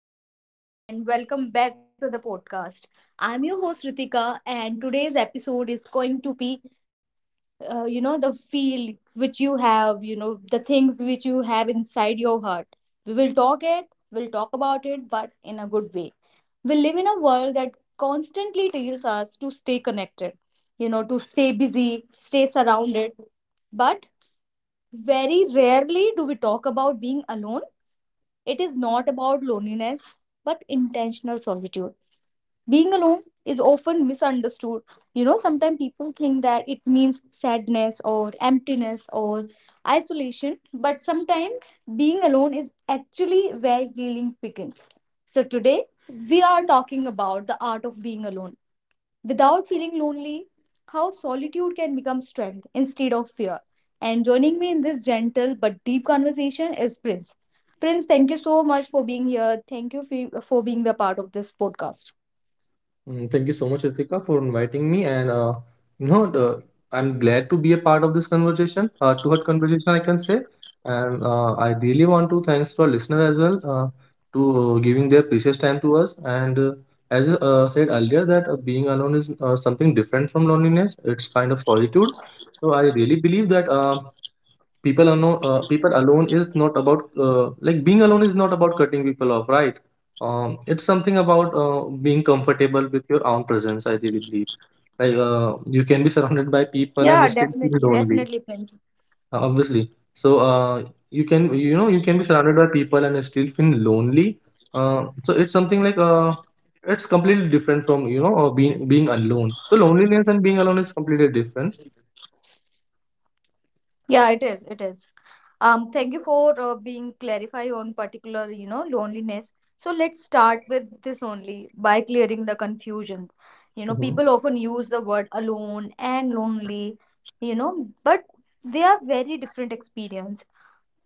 Hello, everyone, and welcome back to the podcast. I'm your host Ritika, and today's episode is going to be, the feel which you have, the things which you have inside your heart. We will talk it, we'll talk about it, but in a good way. We live in a world that constantly tells us to stay connected, to stay busy, stay surrounded, but very rarely do we talk about being alone. It is not about loneliness, but intentional solitude. Being alone is often misunderstood. You know, sometimes people think that it means sadness or emptiness or isolation, but sometimes being alone is actually where healing begins. So today we are talking about the art of being alone without feeling lonely, how solitude can become strength instead of fear. And joining me in this gentle but deep conversation is Prince. Prince, thank you so much for being here, thank you for being the part of this podcast. Thank you so much, Ritika, for inviting me. And you know, the, I'm glad to be a part of this conversation, heart to heart conversation, I can say. And I really want to thanks to our listener as well, to giving their precious time to us. And As I said earlier, that being alone is something different from loneliness. It's kind of solitude. So I really believe that. People alone is not about like, being alone is not about cutting people off, right? It's something about being comfortable with your own presence, I really believe. Like, you can be surrounded by people Yeah, and still feel definitely, lonely, definitely, Prince. Obviously. So you can be surrounded by people and still feel lonely. So it's something like, it's completely different from, being alone. So loneliness and being alone is completely different. Yeah, it is, it is. Thank you for being clarify on particular, you know, loneliness. So let's start with this only by clearing the confusion. You know, Mhm. people often use the word alone and lonely, you know, but they are very different experience.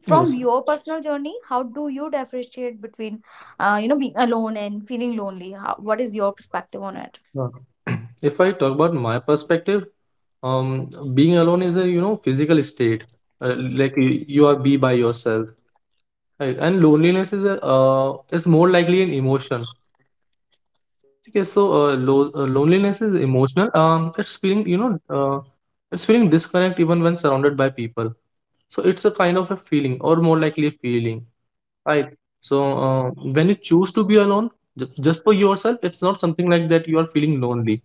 From Obviously. your personal journey, how do you differentiate between, you know, being alone and feeling lonely? How, what is your perspective on it? Yeah. If I talk about my perspective, um being alone is a, physical state, uh, like you are be by yourself, right? And loneliness is is more likely an emotion. Okay, so loneliness is emotional. It's feeling, it's feeling disconnect even when surrounded by people. So it's a kind of a feeling, or more likely a feeling, right? So when you choose to be alone, just for yourself, it's not something like that you are feeling lonely.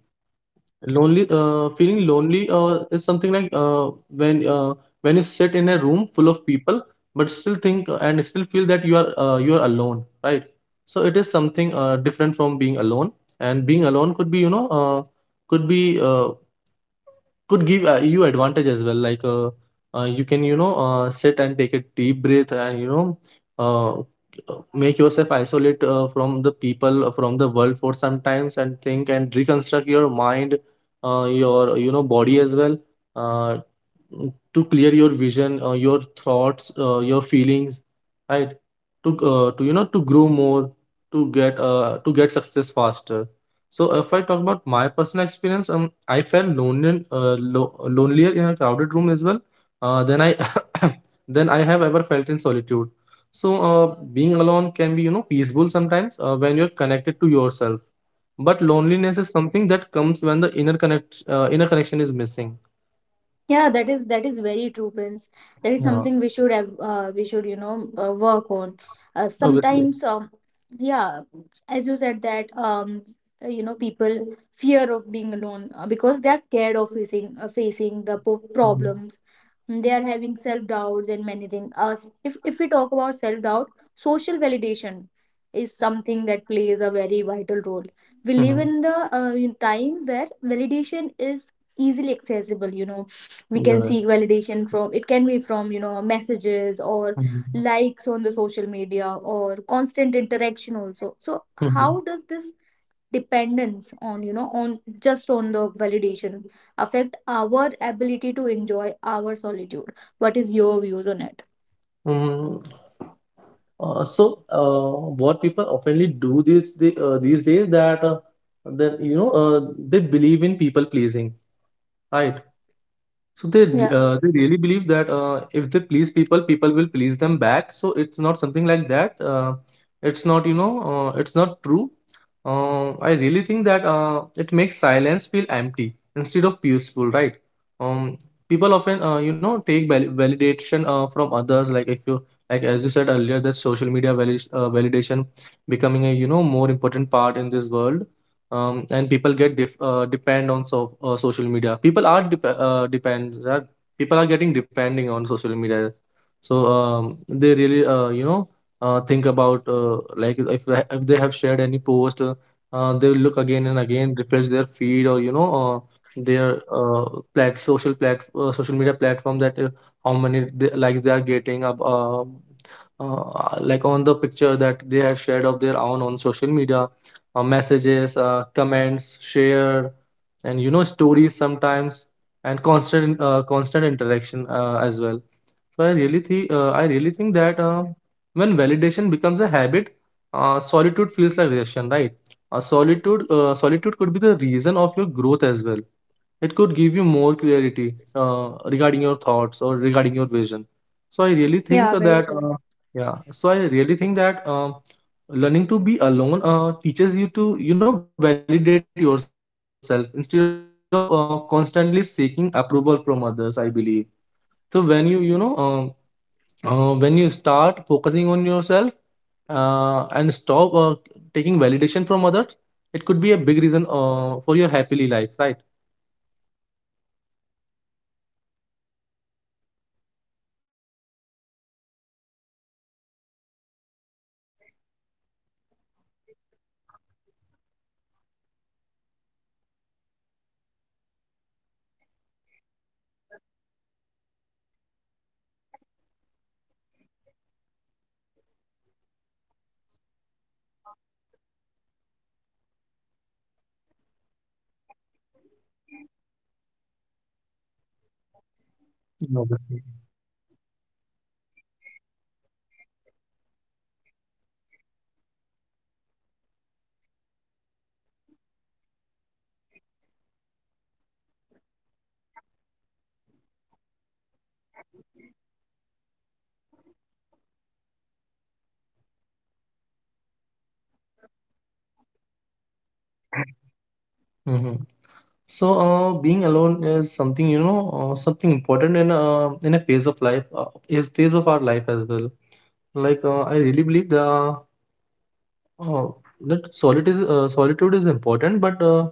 Lonely, feeling lonely is something like, when you sit in a room full of people, but still think, and still feel that you are alone, right? So it is something different from being alone. And being alone could be, could be uh, could give you advantage as well. Like, you can, sit and take a deep breath, and, uh, make yourself isolate from the people, from the world, for some times, and think and reconstruct your mind, your body as well, uh, to clear your vision, your thoughts, your feelings, right? To to grow more, to get success faster. So if I talk about my personal experience, I felt lonelier in a crowded room as well. Than I than I have ever felt in solitude. So being alone can be, peaceful sometimes, when you're connected to yourself. But loneliness is something that comes when the inner connection is missing. Yeah, that is very true, Prince. That is Yeah. something we should have, we should, work on. Obviously. Sometimes, yeah, as you said that, you know, people fear of being alone because they are scared of facing facing the Mm-hmm. problems. They are having self doubts and many things. Us, if we talk about self doubt, social validation is something that plays a very vital role. We live Mm-hmm. in the in time where validation is easily accessible. You know, we can Yeah. seek validation from, it can be from, you know, messages or Mhm. likes on the social media or constant interaction also. So how does this dependence on, you know, on just on the validation affect our ability to enjoy our solitude? What is your views on it? Mm-hmm. What people oftenly do these these days, that that you know uh, they believe in people pleasing, right? So they re- Yeah, uh, they really believe that, if they please people, people will please them back. So it's not something like that. It's not you know it's not true. I really think that it makes silence feel empty instead of peaceful, right? Um, People often, take validation from others. Like, if you like as you said earlier, that social media validation becoming a, more important part in this world. And people depend on social media. People are depend that people are getting depending on social media. So they really, think about, like, if they have shared any post, they will look again and again, refresh their feed, or, you know their plat social media platform, that how many likes they are getting, like on the picture that they have shared of their own on social media, messages, comments, share, and, stories sometimes, and constant interaction as well. So I really think that, when validation becomes a habit, solitude feels like rejection, right? Solitude could be the reason of your growth as well. It could give you more clarity regarding your thoughts, or regarding your vision. So I really yeah, think very that true. Yeah. So I really think that learning to be alone teaches you to, validate yourself instead of, constantly seeking approval from others, I believe. So when you start focusing on yourself, and stop, taking validation from others, it could be a big reason for your happily life, right? Yeah, it could be, you know, big reason. Very true. And you know, sometimes solitude, as you said, is not chosen. It come after breakup. It come after the distance or loss of someone very important, and it leaves us, you know, alone with memories and silence. So coping with this loneliness means allowing yourself to feel the pain and creating small routines for stability and slowly rebuilding a relationship with yourself over time. Obviously. Solitude can, solitude can shift from feeling like punishment to a space for growth, where the pain, you know, soften, and you realize that even after losing others, you still have the strength to heal, and you still have the strength to, you know, move forward. So how do you emotionally cope with being alone and after, you know, after losing important people in your life? Hmm. So, being alone is something important in a phase of our life as well. Like, I really believe the uh, that solitude is important, but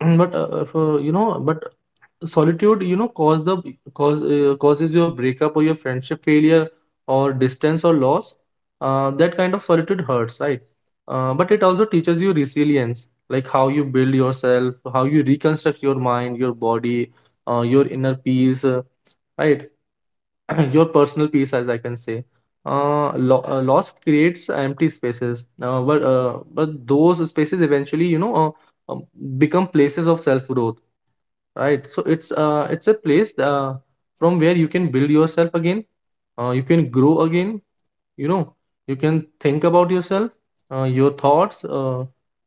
but if, you know, but solitude, you know cause the cause causes your breakup or your friendship failure, or distance, or loss. That kind of solitude hurts, right? But it also teaches you resilience, like how you build yourself, how you reconstruct your mind, your body, your inner peace, right? Your personal peace, as I can say. Loss creates empty spaces, but those spaces eventually, um, become places of self growth. Right. So it's a place from where you can build yourself again. You can grow again. You know, you can think about yourself, your thoughts,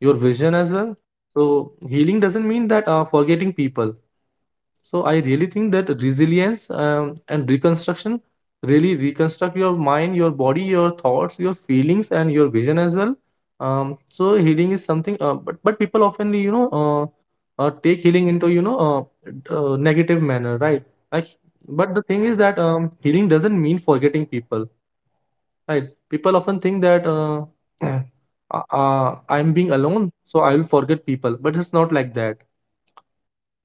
your vision as Yeah. well. So healing doesn't mean, that forgetting people. So I really think that resilience and reconstruction really reconstruct your mind, your body, your thoughts, your feelings, and your vision as well. So healing is something, but people often, take healing into, negative manner, right? Like, but the thing is that, healing doesn't mean forgetting people, right? People often think that, I'm being alone, so I will forget people, but it's not like that,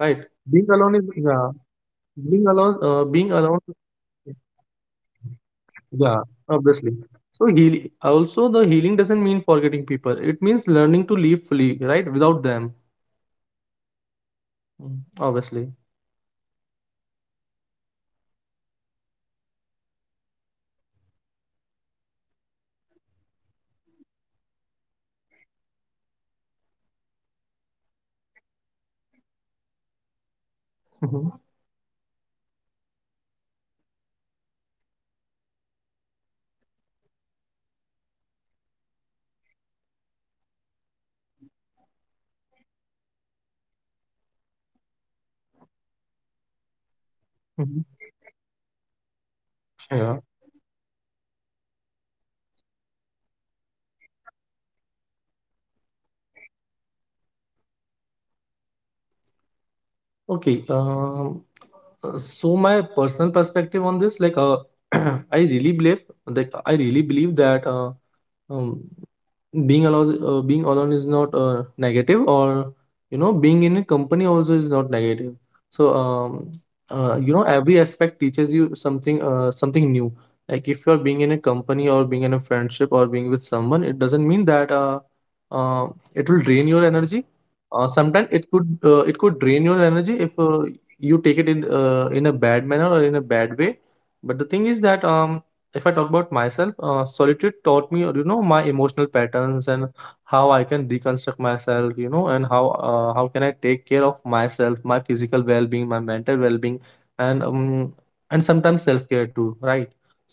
right? it is Being alone definitely is not yeah like that. Yeah. Being alone, uh, Being being alone alone, does not mean that you can forget the memories, you Yeah, can forget the obviously. people. So heal. Also, the healing doesn't mean forgetting people. It means learning to live fully, right, without them. Yeah, very true, very true. Mm, obviously. So if you talk about, you know, the solitude, the stillness. So stillness, you know, so being alone, away from the constant chatter, distraction, and presence of the others. Mhm. You know, what profound truth or, you know, insight about yourself have you discovered, the lesson about your character, your strength, your fears, or your desire, like while surrounded by noise, noise or noisy, you know, company, or the Mhm. expectations of those around you? So Yeah. how you cope up with that, the noise and company that could never could, that will never could? So what is your views on it? Okay. So my personal perspective on this, like, I really believe, I really believe that, um, being alone is not negative, or, being in a company also is not negative. So, every aspect teaches you something new. Like, if you're being in a company, or being in a friendship, or being with someone, it doesn't mean that uh, it will drain your energy. Sometimes it could, it could drain your energy, if you take it in, a bad manner, or in a bad way. But the thing is that, if I talk about myself, solitude taught me, my emotional patterns, and how I can reconstruct myself, and how can I take care of myself, my physical well-being, my mental well-being, and sometimes self-care too, right?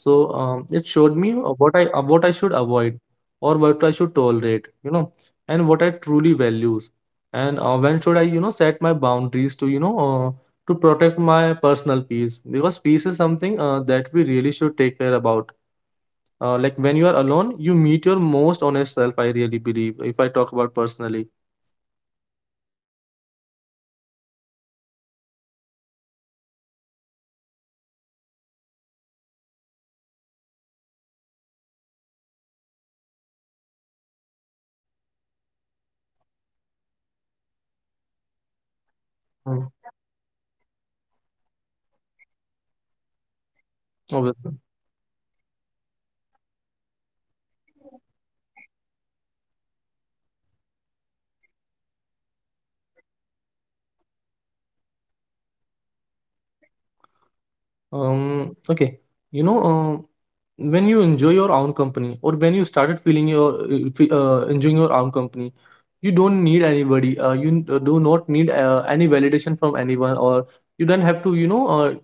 So, it showed me, Yeah. What I should avoid, or what I should tolerate, and what I truly values, and, when should I, set my boundaries, to you know to protect my personal peace, because peace is something, that we really should take care about. Like, when you are alone, you meet your most honest self, I really believe, if I talk about personally. Yeah, very, very right, Prince. Um, yeah, that is something, you know, people often talk about, you know, emotional dependence. But it is not always easy to understand. How does feeling comfortable being alone, you know, enjoy your own company, trusting Mm. yourself only, and not depending on other for your happiness? So how does Obviously. it help you to become an emotionally independent and stronger in, you know, handling the life challenges? How does being comfortable alone contribute to emotional independence? Okay, you know, um, when you enjoy your own company, or when you started enjoying your own company, you don't need anybody. Do not need any validation from anyone, or you don't have to,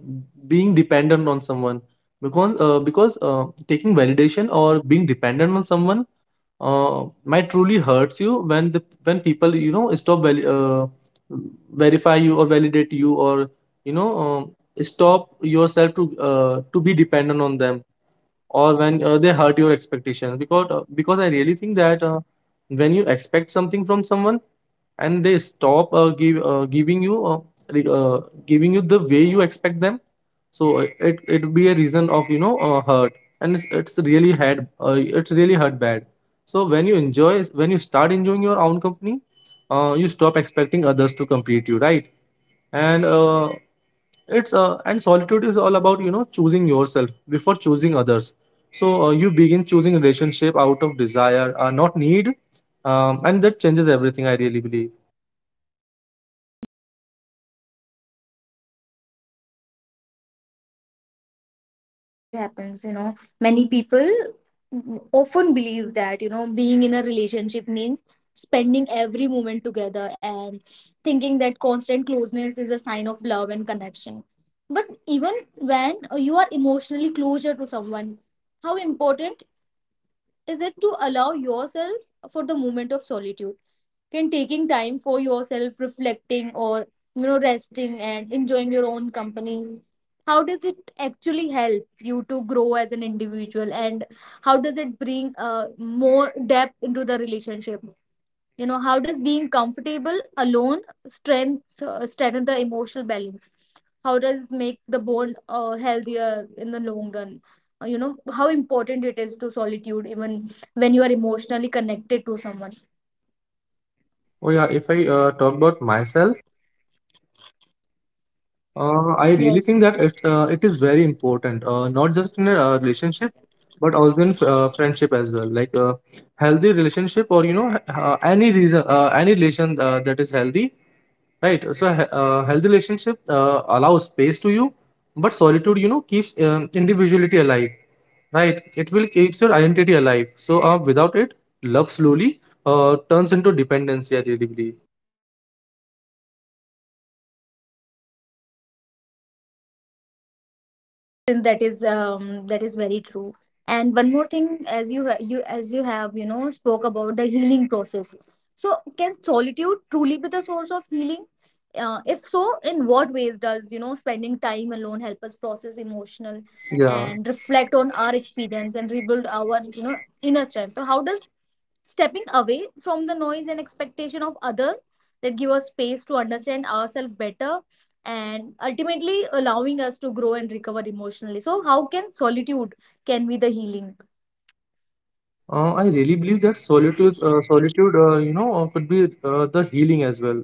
being dependent on someone because taking validation or being dependent on someone might truly hurts you when the when people verify you or validate you or you know um, stop yourself to be dependent on them or when they hurt your expectations because I really think that when you expect something from someone and they stop give giving you re- uh, giving you the way you expect them. So it be a reason of hurt, and it's really hurt bad. So when you start enjoying your own company, you stop expecting others to complete you, right? And uh, it's uh, and solitude is all about choosing yourself before choosing others. So you begin choosing relationship out of desire, not need. And that changes everything, I really believe. Yeah, exactly, exactly, Prims. It happens, you know, many people often believe that, you know, being in a relationship means spending every moment together and thinking that constant closeness is a sign of love and connection. But even when you are emotionally closer to someone, how important is it to allow yourself for the moment of solitude? Can taking time for yourself, reflecting, or, you know, resting and enjoying your own company, how does it actually help you to grow as an individual, and how does it bring more depth into the relationship? You know, how does being comfortable alone strengthen the emotional balance? How does make the bond healthier in the long run? You know, how important it is to solitude even when you are emotionally connected to someone? Oh yeah, if I talk about myself, I really Yes. think that it is very important, not just in a relationship, but also in friendship as well. Like healthy relationship, or any reason, any relation that is healthy, right? So healthy relationship allows space to you, but solitude, you know, keeps individuality alive, right? It will keeps your identity alive. So without it, love slowly turns into dependency. I really believe. Yes, Prince, that is, that is very true. And one more thing, as you you, as you have, you know, spoke about the healing process. So, can solitude truly be the source of healing? If so, in what ways does, you know, spending time alone help us process emotional Yeah. and reflect on our experience and rebuild our, you know, inner strength? So, how does stepping away from the noise and expectation of other that give us space to understand ourselves better and ultimately allowing us to grow and recover emotionally? So how can solitude can be the healing? I really believe that solitude, could be the healing as well.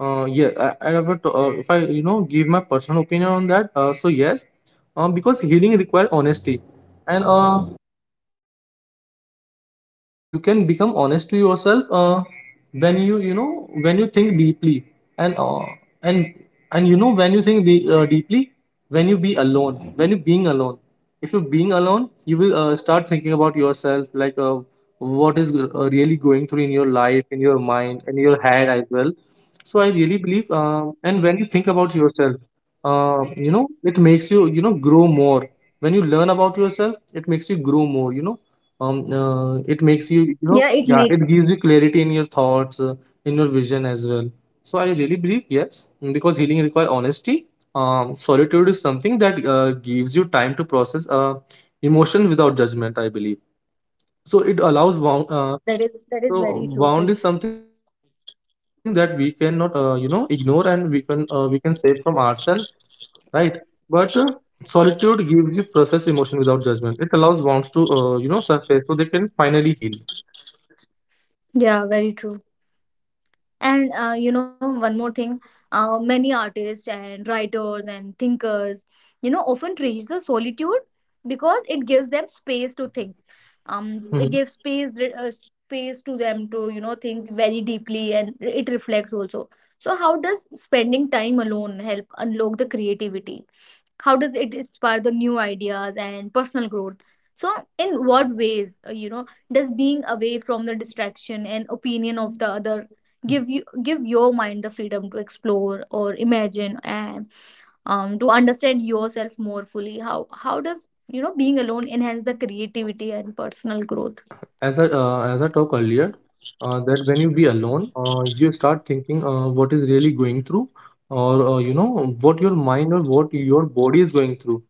Yeah, I never t- if I, you know, give my personal opinion on that. So yes, because healing requires honesty, and uh, and you can become honest to yourself when you know when you think deeply and uh, and and when you think de- deeply when you be alone when you being alone. If you're being alone, you will start thinking about yourself, like what is really going through in your life, in your mind, in your head as well. So I really believe and when you think about yourself, it Yeah. makes you you know grow more. When you learn about yourself, it makes you grow more, you know. It makes Yeah, you, it you know, makes us, yeah, it definitely gives you makes. clarity in your thoughts, in your vision as well. So I really believe, yes. Because healing requires honesty. Solitude is something that gives you time to process emotion without judgment, I believe. So it allows Yeah, that is very so true, Prince. wound is something that we cannot ignore, and we can save from ourselves, right? But solitude gives you process emotion without judgment. It allows wounds to surface so they can finally heal. Yeah, very true. And you know, one more thing, many artists and writers and thinkers, you know, often reach the solitude because it gives them space to think. Mm-hmm. It gives space, uh, space to them to, you know, think very deeply, and it reflects also. So how does spending time alone help unlock the creativity? How does it inspire the new ideas and personal growth? So in what ways, you know, does being away from the distraction and opinion of the other give you, give your mind the freedom to explore or imagine, and, to understand yourself more fully? How does, you know, being alone enhance the creativity and personal growth? As I as I talked earlier, that when you be alone, you start thinking what is really going through, or you know what your mind or what your body is going through.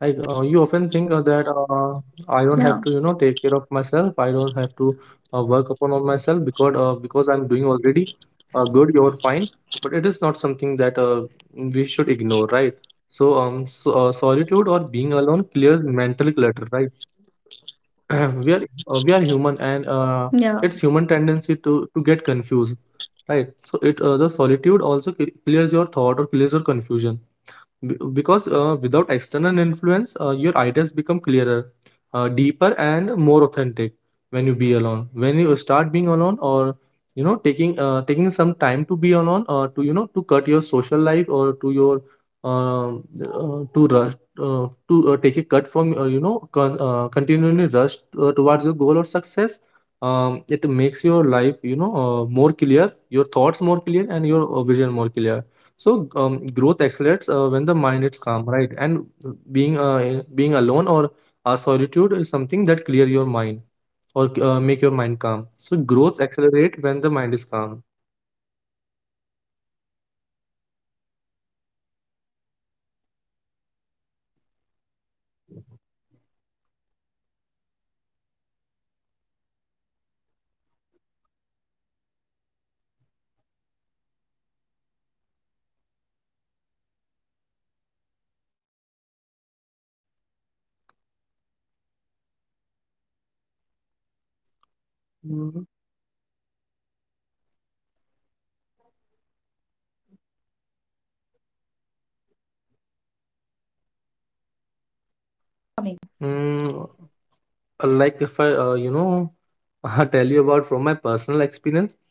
Like you often think that Yeah, I don't have to, you know, take care of myself. I don't have to work upon on myself because I'm doing already good. You're fine, but it is not something that we should ignore, right? So solitude or being alone clears mental clutter, right? we are we are yeah, human, and it's human tendency to get confused, right? So it the solitude also clears your thought or clears your confusion. Because without external influence, your ideas become clearer, deeper, and more authentic when you be alone. When you start being alone, or you know, taking taking some time to be alone, or to you know, to cut your social life, or to your to rush to take a cut from continually rush towards your goal or success. It makes your life, you know, more clear, your thoughts more clear, and your vision more clear. So growth accelerates when the mind is calm, right? And being alone or solitude is something that clear your mind or make your mind yeah, calm. it does, So it does. growth accelerate when the mind is calm. Yeah, very true, Prince. That is something, we should have, we should, you know, work on. And as we, as we saw that not every day, you know, spent alone feels peaceful or refreshing. So how do you cope with the moments when solitude really feels heavy and, you know, lonely or overwhelming instead of calming? What strategies or thoughts help you to get through these, you know, difficult days, Mm, and how do you find the balance? Even when being by yourself feels you challenging, how do you handle days when solitude feels heavy instead of calming? mm. Like if I you know, I tell you about from my personal experience,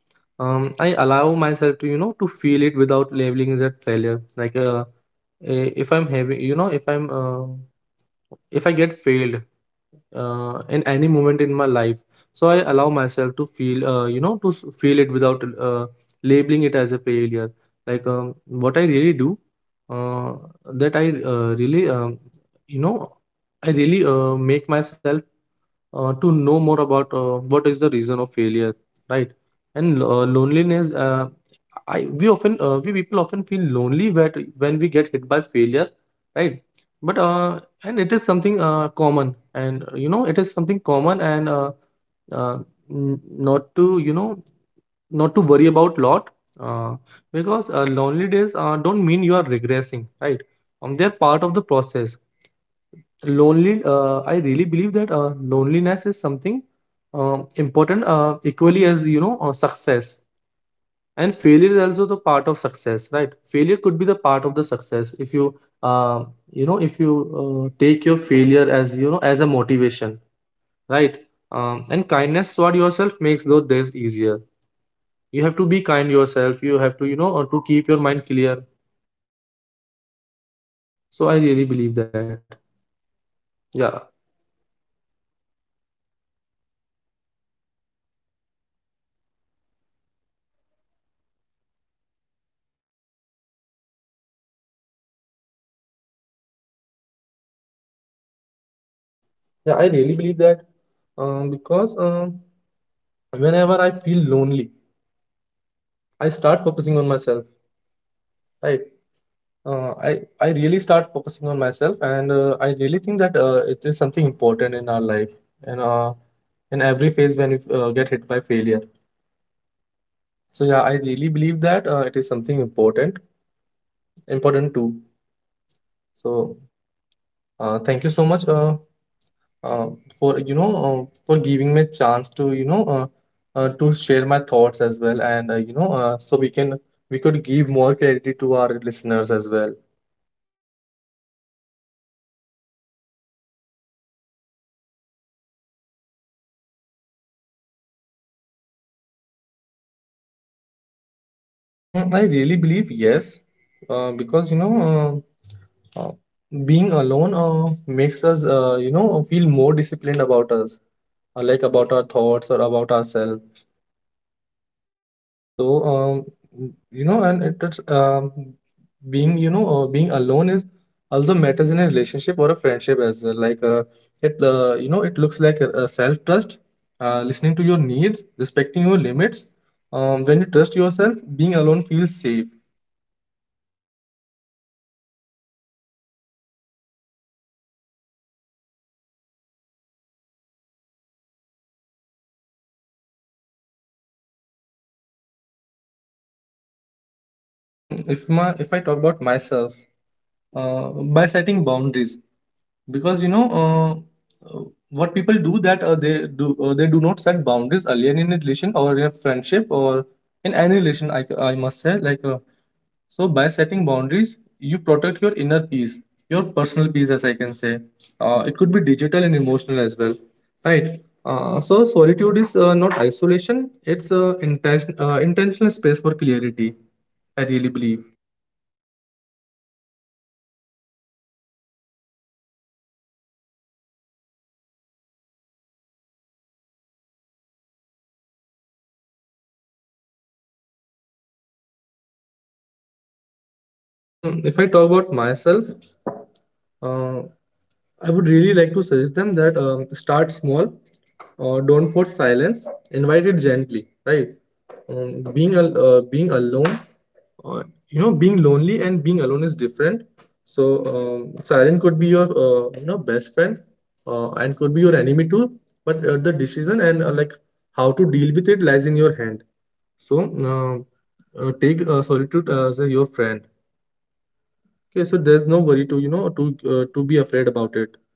I allow myself to, you know, to feel it without labeling it as failure. Like if I'm having, you know, if I get failed in any moment in my life, so I allow myself to feel feel it without uh, labeling it as a failure. Like what I really do, uh, that I really you know I really make myself to know more about what is the reason of failure, right? And loneliness, I we often we people often feel lonely when we get hit by failure, right? But uh, and it is something common, and it is something common and uh, n- not to, you know, not to worry about lot, uh, because lonely days don't mean you are regressing, right? They're part of the process. Lonely I really believe that loneliness is something important equally as success. And failure is also the part of success, right? Failure could be the part of the success if you uh, you know if you take your failure as, you know, as a motivation, right? And kindness toward yourself makes those days easier. You have to be kind yourself. You have to, you know, to keep your mind clear. So I really believe that. Yeah, yeah, I really believe that. Because whenever I feel lonely, I start focusing on myself, right? I really start focusing on myself, and I really think that it is something important in our life, and in every phase when we get hit by failure. So yeah, I really believe that it is something important, important too. So thank you so much, uh, for for giving me a chance to to share my thoughts as well, and so we can we could give more clarity to our listeners as well. I really believe yes, because you know, uh, uh, being alone makes us, you know, feel more disciplined about us, like about our thoughts or about ourselves. So, you know, and it is being, you know, being alone is also matters in a relationship or a friendship as well. Like it, you know, it looks like a self-trust, listening to your needs, respecting your limits. When you trust yourself, being alone feels safe. Mm, if I talk about myself, uh, by setting boundaries, because uh, what people do that they do not set boundaries earlier in a relation or in a friendship or in any relation. I must say, like so by setting boundaries, you protect your inner peace, your personal peace, as I can say. It could be digital and emotional as well, right? So solitude is not isolation; it's intentional space for clarity. I really believe. Mm, if I talk about myself, uh, I would really like to suggest them that start small, don't force silence, invite it gently, right? Being alone, uh, you know, being lonely and being alone is different. So silence could be your best friend, and could be your enemy too. But the decision and like how to deal with it lies in your hand. So take solitude as your friend. Okay, so there's no worry to, you know, to be afraid about it.